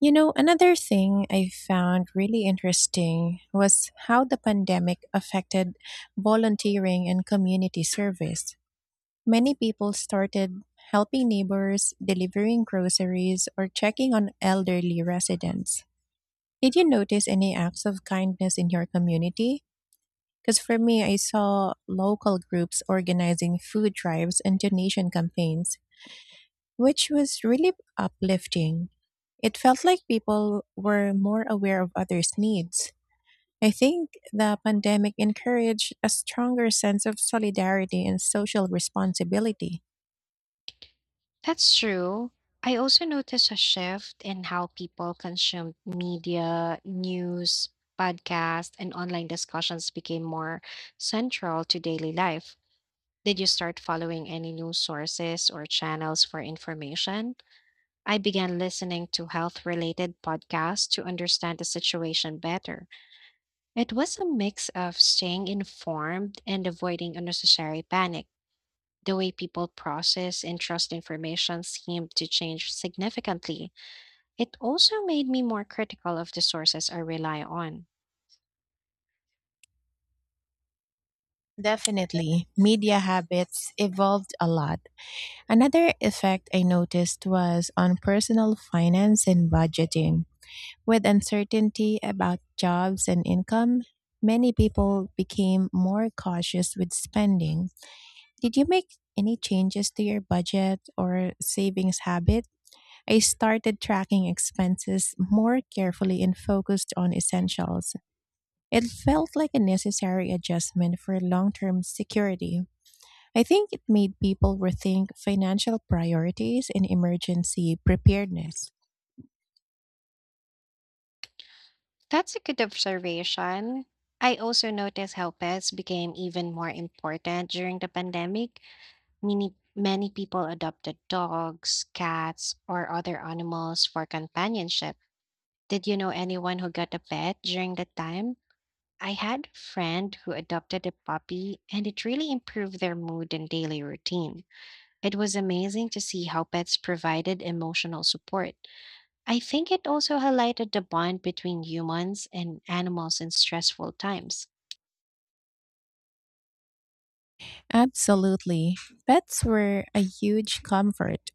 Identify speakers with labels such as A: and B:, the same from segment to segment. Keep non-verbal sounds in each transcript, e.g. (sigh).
A: You know, another thing I found really interesting was how the pandemic affected volunteering and community service. Many people started helping neighbors, delivering groceries, or checking on elderly residents. Did you notice any acts of kindness in your community? Because for me, I saw local groups organizing food drives and donation campaigns which was really uplifting. It felt like people were more aware of others' needs. I think the pandemic encouraged a stronger sense of solidarity and social responsibility.
B: That's true. I also noticed a shift in how people consumed media, news, podcasts, and online discussions became more central to daily life. Did you start following any news sources or channels for information? I began listening to health related podcasts to understand the situation better. It was a mix of staying informed and avoiding unnecessary panic. The way people process and trust information seemed to change significantly. It also made me more critical of the sources I rely on.
A: Definitely, media habits evolved a lot. Another effect I noticed was on personal finance and budgeting. With uncertainty about jobs and income, many people became more cautious with spending. Did you make any changes to your budget or savings habit? I started tracking expenses more carefully and focused on essentials. It felt like a necessary adjustment for long term security. I think it made people rethink financial priorities and emergency preparedness.
B: That's a good observation. I also noticed how pets became even more important during the pandemic. Many people adopted dogs, cats, or other animals for companionship. Did you know anyone who got a pet during that time? I had a friend who adopted a puppy, and it really improved their mood and daily routine. It was amazing to see how pets provided emotional support. I think it also highlighted the bond between humans and animals in stressful times.
A: Absolutely. Pets were a huge comfort.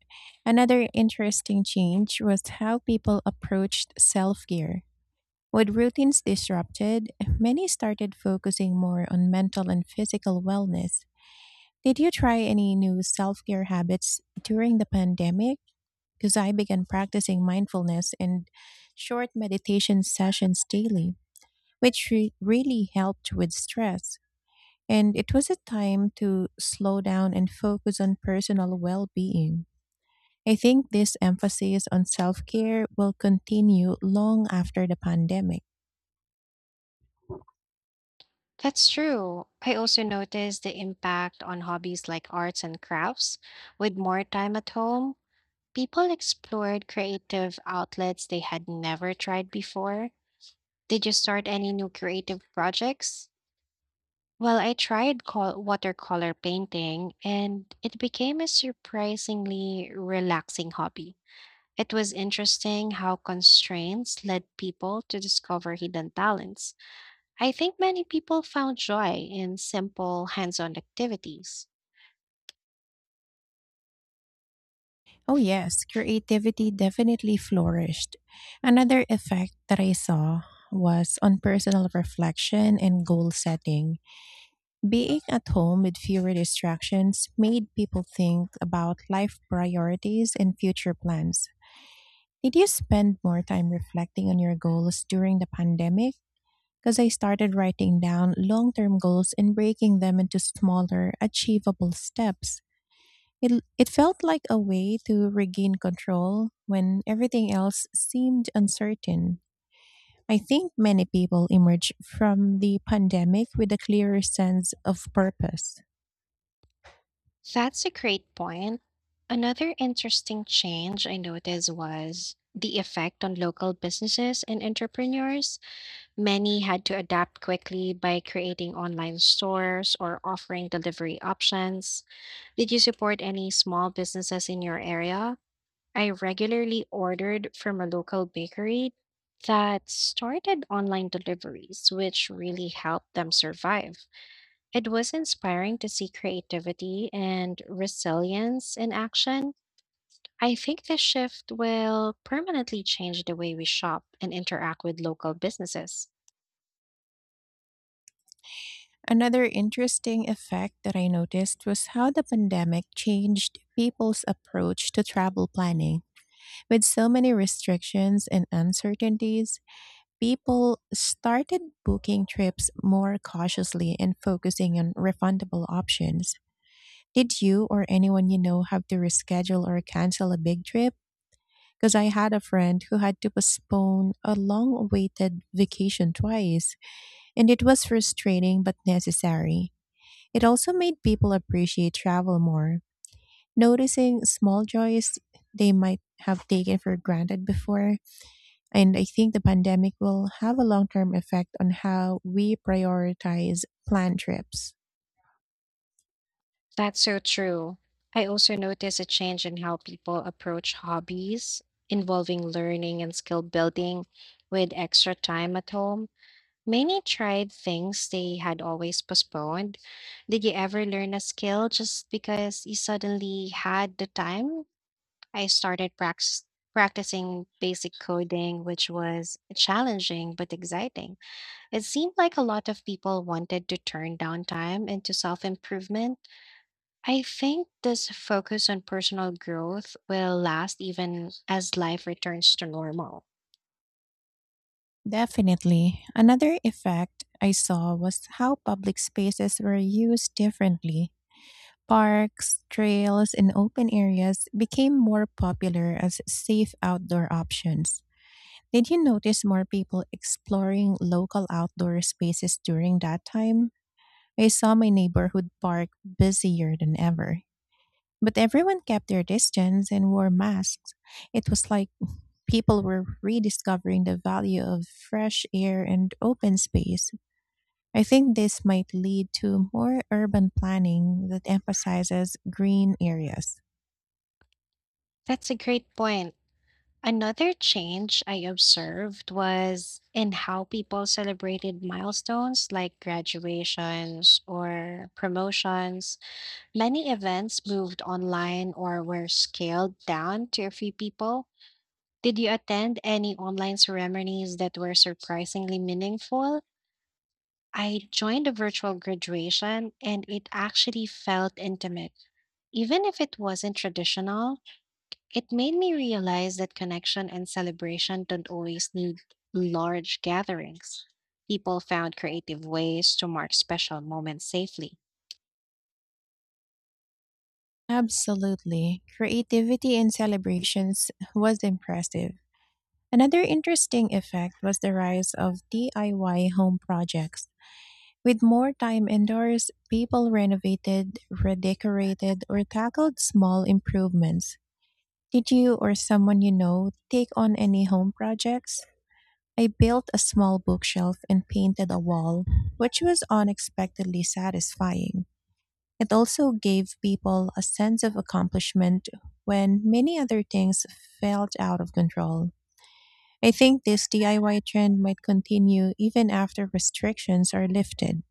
A: Another interesting change was how people approached self care. With routines disrupted, many started focusing more on mental and physical wellness. Did you try any new self care habits during the pandemic? Because I began practicing mindfulness and short meditation sessions daily, which really helped with stress. And it was a time to slow down and focus on personal well being. I think this emphasis on self care will continue long after the pandemic.
B: That's true. I also noticed the impact on hobbies like arts and crafts. With more time at home, people explored creative outlets they had never tried before. Did you start any new creative projects? Well, I tried watercolor painting and it became a surprisingly relaxing hobby. It was interesting how constraints led people to discover hidden talents. I think many people found joy in simple hands on activities.
A: Oh, yes, creativity definitely flourished. Another effect that I saw was on personal reflection and goal setting. Being at home with fewer distractions made people think about life priorities and future plans. Did you spend more time reflecting on your goals during the pandemic? Because I started writing down long term goals and breaking them into smaller, achievable steps. It felt like a way to regain control when everything else seemed uncertain. I think many people emerge from the pandemic with a clearer sense of purpose.
B: That's a great point. Another interesting change I noticed was the effect on local businesses and entrepreneurs. Many had to adapt quickly by creating online stores or offering delivery options. Did you support any small businesses in your area? I regularly ordered from a local bakery that started online deliveries, which really helped them survive. It was inspiring to see creativity and resilience in action. I think this shift will permanently change the way we shop and interact with local businesses.
A: Another interesting effect that I noticed was how the pandemic changed people's approach to travel planning. With so many restrictions and uncertainties, people started booking trips more cautiously and focusing on refundable options. Did you or anyone you know have to reschedule or cancel a big trip? Because I had a friend who had to postpone a long awaited vacation twice, and it was frustrating but necessary. It also made people appreciate travel more, noticing small joys they might have taken for granted before. And I think the pandemic will have a long term effect on how we prioritize planned trips.
B: That's so true. I also noticed a change in how people approach hobbies involving learning and skill building with extra time at home. Many tried things they had always postponed. Did you ever learn a skill just because you suddenly had the time? I started practicing basic coding, which was challenging but exciting. It seemed like a lot of people wanted to turn downtime into self improvement. I think this focus on personal growth will last even as life returns to normal.
A: Definitely. Another effect I saw was how public spaces were used differently. Parks, trails, and open areas became more popular as safe outdoor options. Did you notice more people exploring local outdoor spaces during that time? I saw my neighborhood park busier than ever. But everyone kept their distance and wore masks. It was like people were rediscovering the value of fresh air and open space. I think this might lead to more urban planning that emphasizes green areas.
B: That's a great point. Another change I observed was in how people celebrated milestones like graduations or promotions. Many events moved online or were scaled down to a few people. Did you attend any online ceremonies that were surprisingly meaningful? I joined a virtual graduation and it actually felt intimate. Even if it wasn't traditional, it made me realize that connection and celebration don't always need large gatherings. People found creative ways to mark special moments safely.
A: Absolutely. Creativity in celebrations was impressive. Another interesting effect was the rise of DIY home projects. With more time indoors, people renovated, redecorated, or tackled small improvements. Did you or someone you know take on any home projects? I built a small bookshelf and painted a wall, which was unexpectedly satisfying. It also gave people a sense of accomplishment when many other things felt out of control. I think this DIY trend might continue even after restrictions are lifted.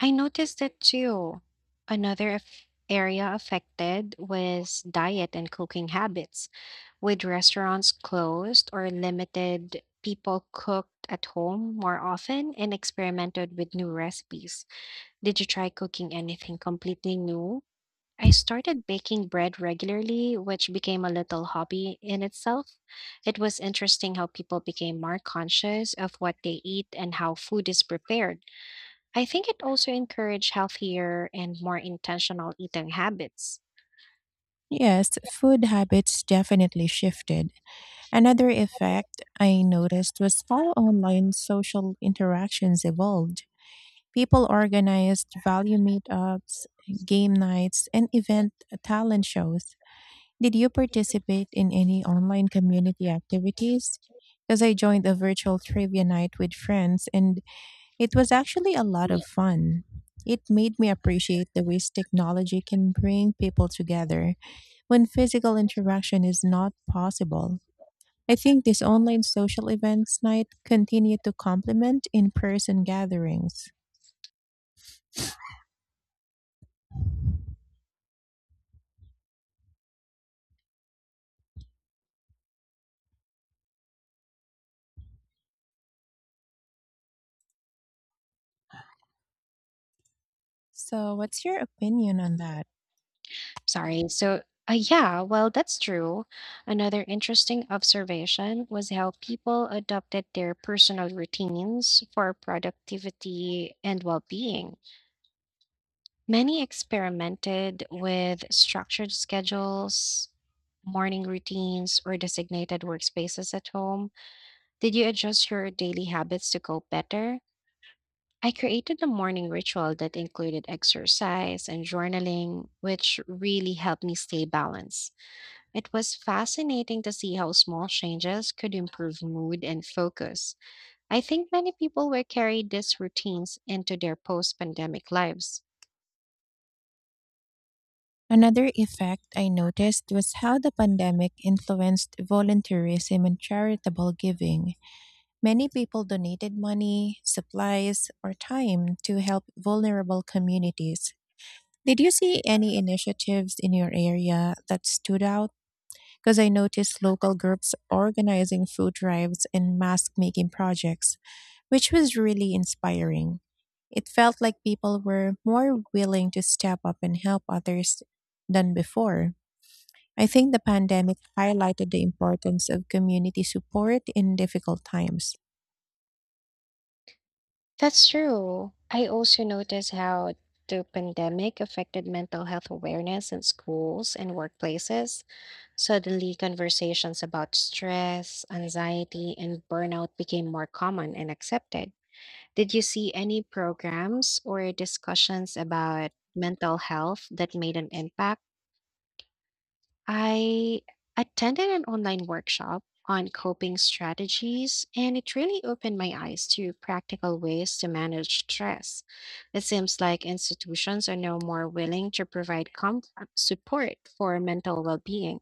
B: I noticed that too. Another area affected was diet and cooking habits. With restaurants closed or limited, people cooked at home more often and experimented with new recipes. Did you try cooking anything completely new? I started baking bread regularly, which became a little hobby in itself. It was interesting how people became more conscious of what they eat and how food is prepared. I think it also encouraged healthier and more intentional eating habits.
A: Yes, food habits definitely shifted. Another effect I noticed was how online social interactions evolved. People organized value meetups, game nights, and event talent shows. Did you participate in any online community activities? Because I joined a virtual trivia night with friends, and it was actually a lot of fun. It made me appreciate the ways technology can bring people together when physical interaction is not possible. I think these online social events night continue to complement in person gatherings. So, what's your opinion on that?
B: Sorry. Well, that's true. Another interesting observation was how people adopted their personal routines for productivity and well being. Many experimented with structured schedules, morning routines, or designated workspaces at home. Did you adjust your daily habits to go better? I created a morning ritual that included exercise and journaling, which really helped me stay balanced. It was fascinating to see how small changes could improve mood and focus. I think many people will carry these routines into their post pandemic lives.
A: Another effect I noticed was how the pandemic influenced volunteerism and charitable giving. Many people donated money, supplies, or time to help vulnerable communities. Did you see any initiatives in your area that stood out? Because I noticed local groups organizing food drives and mask making projects, which was really inspiring. It felt like people were more willing to step up and help others than before. I think the pandemic highlighted the importance of community support in difficult times.
B: That's true. I also noticed how the pandemic affected mental health awareness in schools and workplaces. Suddenly, conversations about stress, anxiety, and burnout became more common and accepted. Did you see any programs or discussions about mental health that made an impact? I attended an online workshop on coping strategies, and it really opened my eyes to practical ways to manage stress. It seems like institutions are now more willing to provide support for mental well being.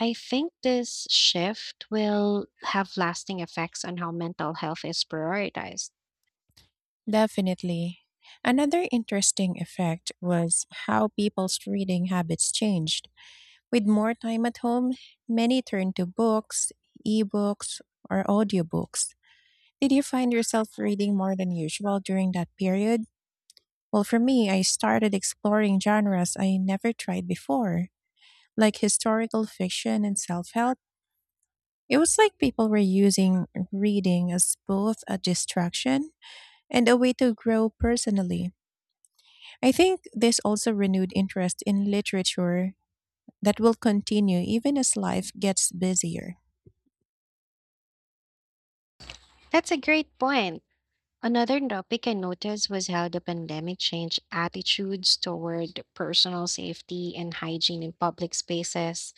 B: I think this shift will have lasting effects on how mental health is prioritized.
A: Definitely. Another interesting effect was how people's reading habits changed. With more time at home, many turned to books, ebooks, or audiobooks. Did you find yourself reading more than usual during that period? Well, for me, I started exploring genres I never tried before, like historical fiction and self help. It was like people were using reading as both a distraction and a way to grow personally. I think this also renewed interest in literature that will continue even as life gets busier.
B: That's a great point. Another topic I noticed was how the pandemic changed attitudes toward personal safety and hygiene in public spaces.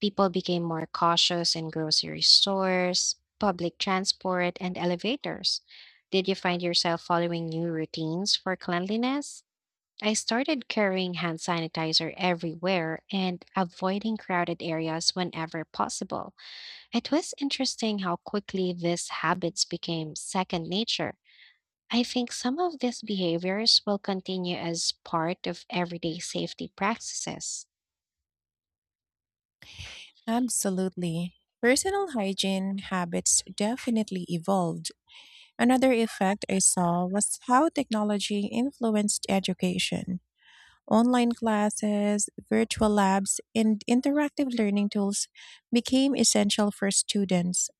B: People became more cautious in grocery stores, public transport, and elevators. Did you find yourself following new routines for cleanliness? I started carrying hand sanitizer everywhere and avoiding crowded areas whenever possible. It was interesting how quickly these habits became second nature. I think some of these behaviors will continue as part of everyday safety practices.
A: Absolutely. Personal hygiene habits definitely evolved. Another effect I saw was how technology influenced education. Online classes, virtual labs, and interactive learning tools became essential for students.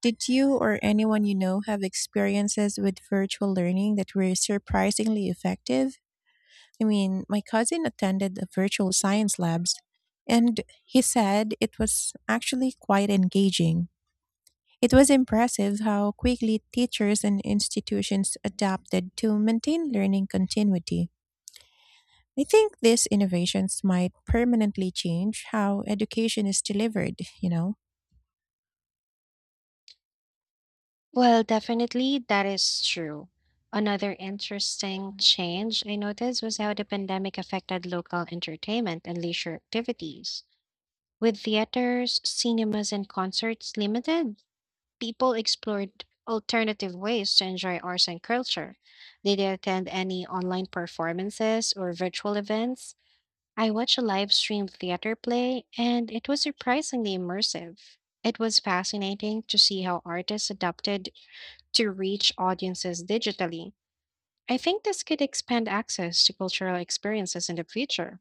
A: Did you or anyone you know have experiences with virtual learning that were surprisingly effective? I mean, my cousin attended the virtual science labs and he said it was actually quite engaging. It was impressive how quickly teachers and institutions adapted to maintain learning continuity. I think these innovations might permanently change how education is delivered, you know?
B: Well, definitely that is true. Another interesting change I noticed was how the pandemic affected local entertainment and leisure activities. With theaters, cinemas, and concerts limited, people explored alternative ways to enjoy arts and culture. Did they attend any online performances or virtual events? I watched a live stream theater play, and it was surprisingly immersive. It was fascinating to see how artists adapted to reach audiences digitally. I think this could expand access to cultural experiences in the future.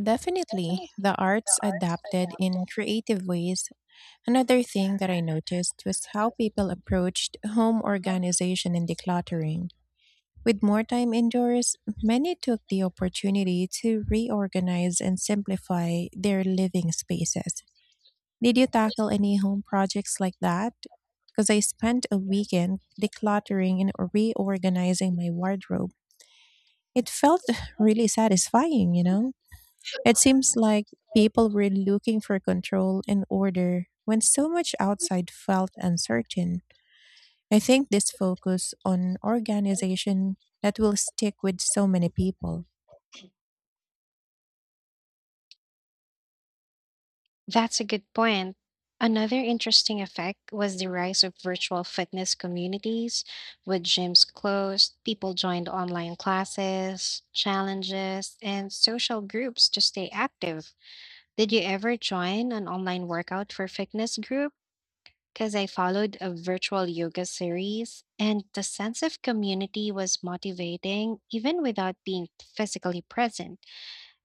A: Definitely,
B: Definitely,
A: the
B: the
A: arts
B: arts
A: adapted
B: adapted.
A: in creative ways. Another thing that I noticed was how people approached home
B: Um,
A: organization and decluttering. With more time indoors, many took the opportunity to reorganize and simplify their living spaces. Did you tackle any home projects like that? Because I spent a weekend decluttering and reorganizing my wardrobe. It felt (laughs) (sighs) really satisfying, you know? It seems like people were looking for control and order when so much outside felt uncertain. I think this focus on organization that will stick with so many people.
B: That's a good point. Another interesting effect was the rise of virtual fitness communities. With gyms closed, people joined online classes, challenges, and social groups to stay active. Did you ever join an online workout for fitness group? Because I followed a virtual yoga series, and the sense of community was motivating even without being physically present.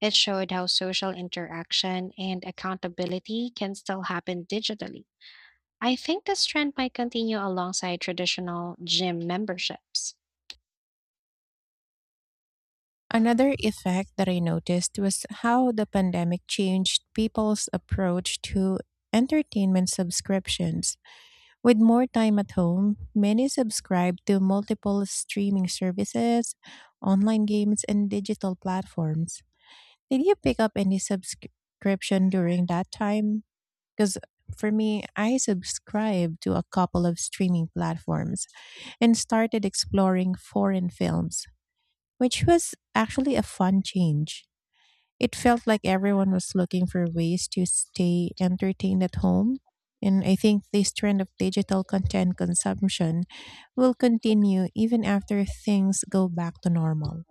B: It showed how social interaction and accountability can still happen digitally. I think this trend might continue alongside traditional gym memberships.
A: Another effect that I noticed was how the pandemic changed people's approach to entertainment subscriptions. With more time at home, many subscribed to multiple streaming services, online games, and digital platforms. Did you pick up any subscription during that time? Because for me, I subscribed to a couple of streaming platforms and started exploring foreign films, which was actually a fun change. It felt like everyone was looking for ways to stay entertained at home. And I think this trend of digital content consumption will continue even after things go back to normal.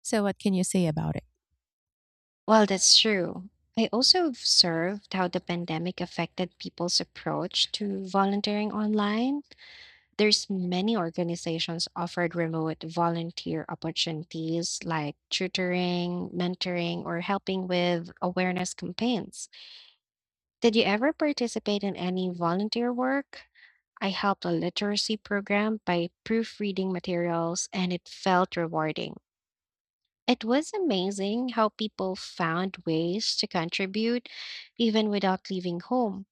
A: So, what can you say about it?
B: Well, that's true. I also observed how the pandemic affected people's approach to volunteering online. There's many organizations offered remote volunteer opportunities like tutoring, mentoring, or helping with awareness campaigns. Did you ever participate in any volunteer work? I helped a literacy program by proofreading materials and it felt rewarding. It was amazing how people found ways to contribute even without leaving home.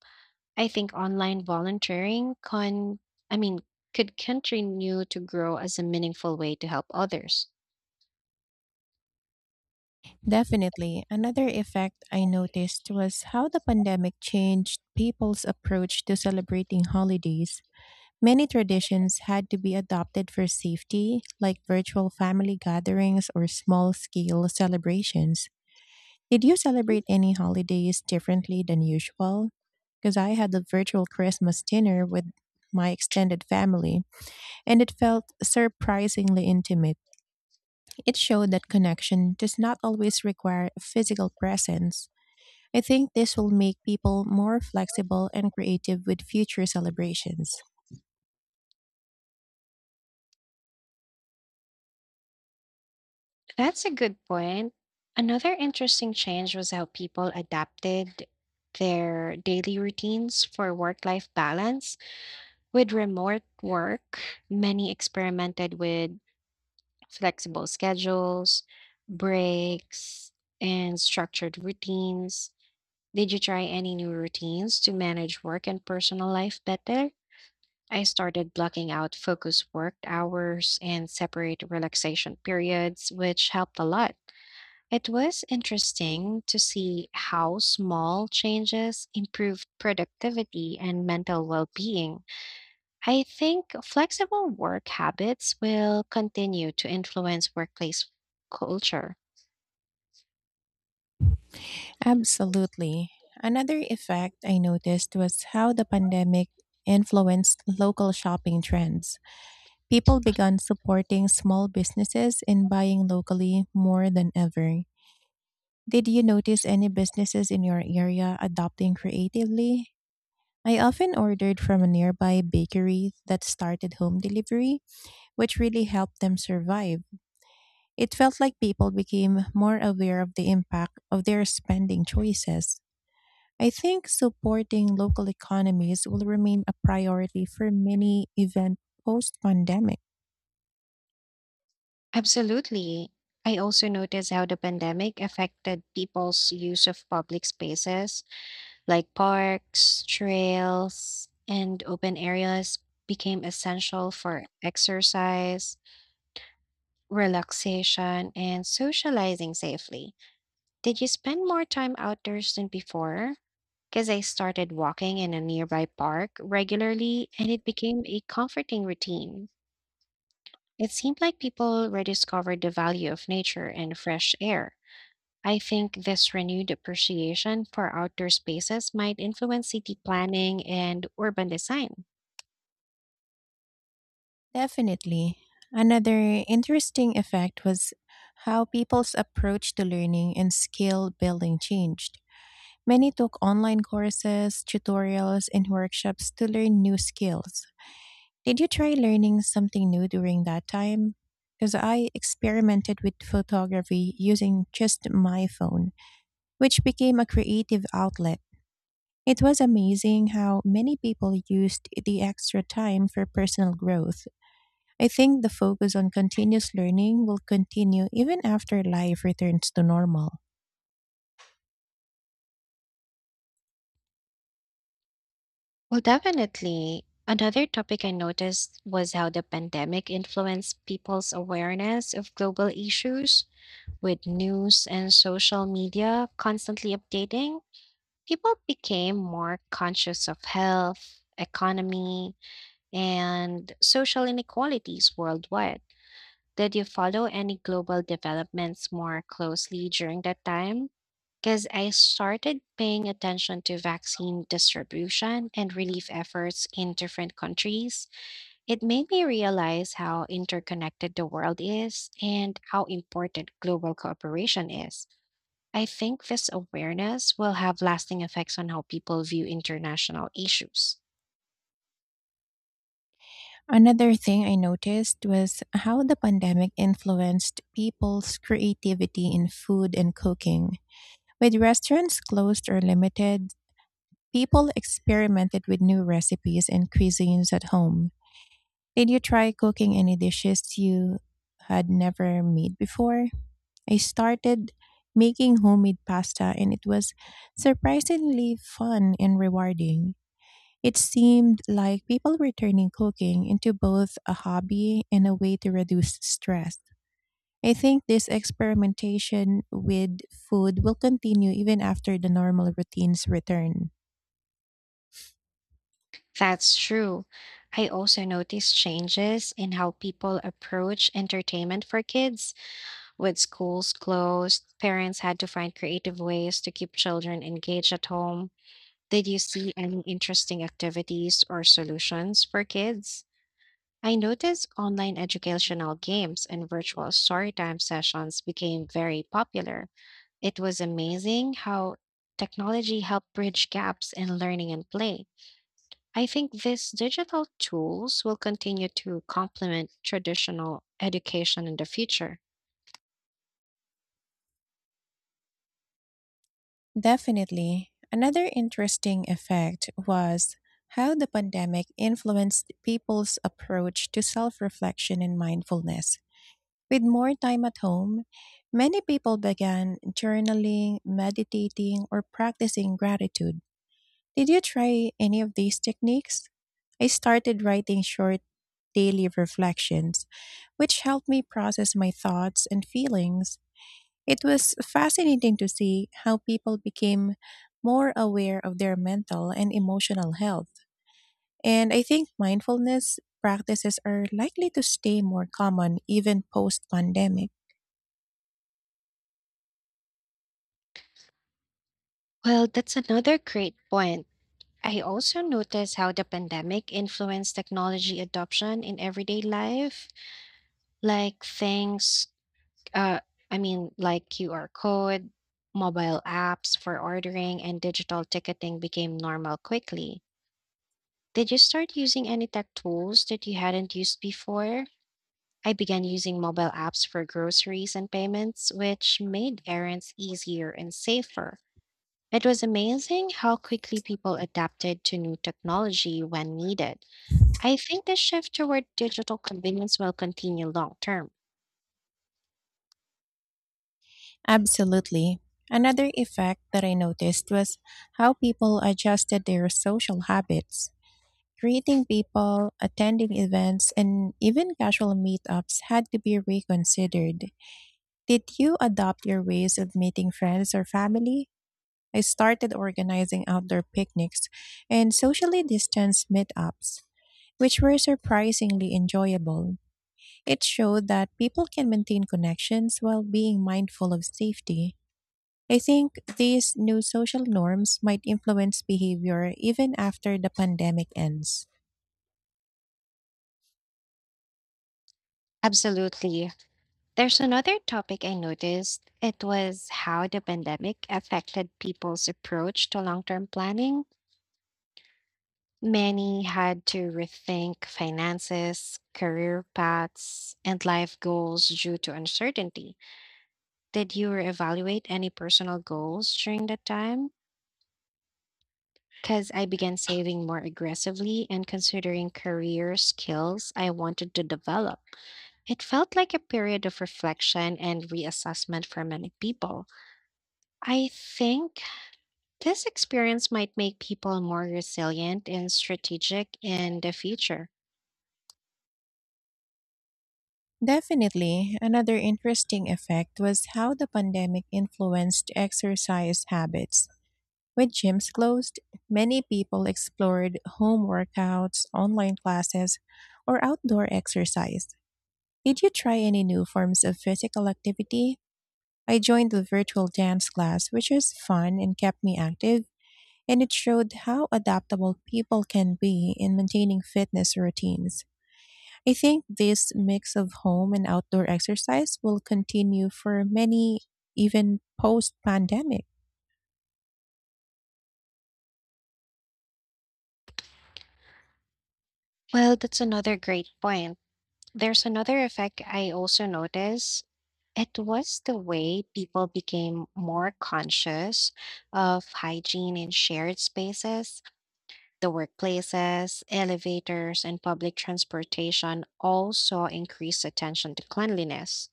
B: I think online volunteering can, I mean, could continue to grow as a meaningful way to help others.
A: Definitely. Another effect I noticed was how the pandemic changed people's approach to celebrating holidays. Many traditions had to be adopted for safety, like virtual family gatherings or small scale celebrations. Did you celebrate any holidays differently than usual? Because I had a virtual Christmas dinner with my extended family, and it felt surprisingly intimate. It showed that connection does not always require physical presence. I think this will make people more flexible and creative with future celebrations.
B: That's a good point. Another interesting change was how people adapted their daily routines for work life balance. With remote work, many experimented with flexible schedules, breaks, and structured routines. Did you try any new routines to manage work and personal life better? I started blocking out focus work hours and separate relaxation periods, which helped a lot. It was interesting to see how small changes improved productivity and mental well being. I think flexible work habits will continue to influence workplace culture.
A: Absolutely. Another effect I noticed was how the pandemic influenced local shopping trends. People began supporting small businesses and buying locally more than ever. Did you notice any businesses in your area adopting creatively? I often ordered from a nearby bakery that started home delivery, which really helped them survive. It felt like people became more aware of the impact of their spending choices. I think supporting local economies will remain a priority for many events post pandemic.
B: Absolutely. I also noticed how the pandemic affected people's use of public spaces like parks, trails, and open areas became essential for exercise, relaxation, and socializing safely. Did you spend more time outdoors than before? Because I started walking in a nearby park regularly and it became a comforting routine. It seemed like people rediscovered the value of nature and fresh air. I think this renewed appreciation for outdoor spaces might influence city planning and urban design.
A: Definitely. Another interesting effect was how people's approach to learning and skill building changed. Many took online courses, tutorials, and workshops to learn new skills. Did you try learning something new during that time? Because I experimented with photography using just my phone, which became a creative outlet. It was amazing how many people used the extra time for personal growth. I think the focus on continuous learning will continue even after life returns to normal.
B: Well, definitely. Another topic I noticed was how the pandemic influenced people's awareness of global issues. With news and social media constantly updating, people became more conscious of health, economy, and social inequalities worldwide. Did you follow any global developments more closely during that time? Because I started paying attention to vaccine distribution and relief efforts in different countries. It made me realize how interconnected the world is and how important global cooperation is. I think this awareness will have lasting effects on how people view international issues.
A: Another thing I noticed was how the pandemic influenced people's creativity in food and cooking. With restaurants closed or limited, people experimented with new recipes and cuisines at home. Did you try cooking any dishes you had never made before? I started making homemade pasta and it was surprisingly fun and rewarding. It seemed like people were turning cooking into both a hobby and a way to reduce stress. I think this experimentation with food will continue even after the normal routines return.
B: That's true. I also noticed changes in how people approach entertainment for kids. With schools closed, parents had to find creative ways to keep children engaged at home. Did you see any interesting activities or solutions for kids? I noticed online educational games and virtual storytime sessions became very popular. It was amazing how technology helped bridge gaps in learning and play. I think these digital tools will continue to complement traditional education in the future.
A: Definitely. Another interesting effect was how the pandemic influenced people's approach to self reflection and mindfulness. With more time at home, many people began journaling, meditating, or practicing gratitude. Did you try any of these techniques? I started writing short daily reflections, which helped me process my thoughts and feelings. It was fascinating to see how people became more aware of their mental and emotional health. And I think mindfulness practices are likely to stay more common even post pandemic.
B: Well, that's another great point. I also noticed how the pandemic influenced technology adoption in everyday life, like things, uh, like QR code, mobile apps for ordering, and digital ticketing became normal quickly. Did you start using any tech tools that you hadn't used before? I began using mobile apps for groceries and payments, which made errands easier and safer. It was amazing how quickly people adapted to new technology when needed. I think the shift toward digital convenience will continue long term.
A: Absolutely. Another effect that I noticed was how people adjusted their social habits. Greeting people, attending events, and even casual meetups had to be reconsidered. Did you adopt your ways of meeting friends or family? I started organizing outdoor picnics and socially distanced meetups, which were surprisingly enjoyable. It showed that people can maintain connections while being mindful of safety. I think these new social norms might influence behavior even after the pandemic ends.
B: Absolutely. There's another topic I noticed. It was how the pandemic affected people's approach to long term planning. Many had to rethink finances, career paths, and life goals due to uncertainty. Did you evaluate any personal goals during that time? Because I began saving more aggressively and considering career skills I wanted to develop. It felt like a period of reflection and reassessment for many people. I think this experience might make people more resilient and strategic in the future.
A: Definitely, another interesting effect was how the pandemic influenced exercise habits. With gyms closed, many people explored home workouts, online classes, or outdoor exercise. Did you try any new forms of physical activity? I joined a virtual dance class, which was fun and kept me active, and it showed how adaptable people can be in maintaining fitness routines. I think this mix of home and outdoor exercise will continue for many, even post pandemic.
B: Well, that's another great point. There's another effect I also noticed. It was the way people became more conscious of hygiene in shared spaces. The workplaces, elevators, and public transportation all saw increased attention to cleanliness.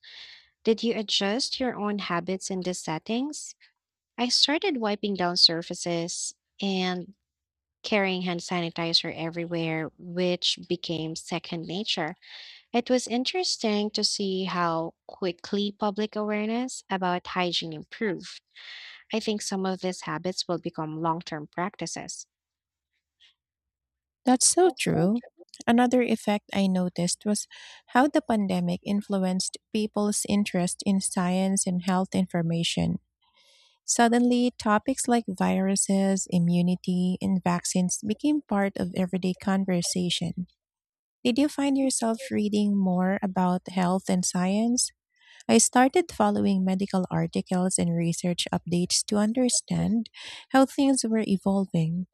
B: Did you adjust your own habits in these settings? I started wiping down surfaces and carrying hand sanitizer everywhere, which became second nature. It was interesting to see how quickly public awareness about hygiene improved. I think some of these habits will become long term practices.
A: That's so true. Another effect I noticed was how the pandemic influenced people's interest in science and health information. Suddenly, topics like viruses, immunity, and vaccines became part of everyday conversation. Did you find yourself reading more about health and science? I started following medical articles and research updates to understand how things were evolving.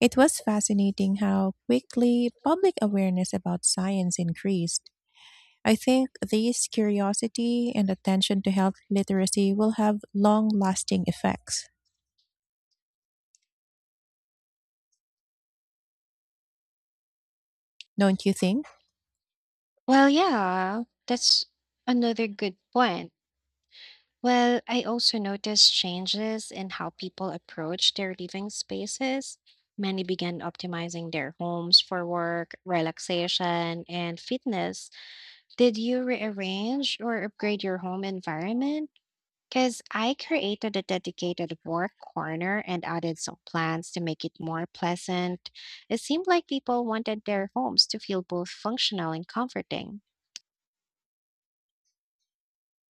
A: It was fascinating how quickly public awareness about science increased. I think this curiosity and attention to health literacy will have long lasting effects, don't you think?
B: Well, yeah, that's another good point. Well, I also noticed changes in how people approach their living spaces. Many began optimizing their homes for work, relaxation, and fitness. Did you rearrange or upgrade your home environment? Because I created a dedicated work corner and added some plants to make it more pleasant. It seemed like people wanted their homes to feel both functional and comforting.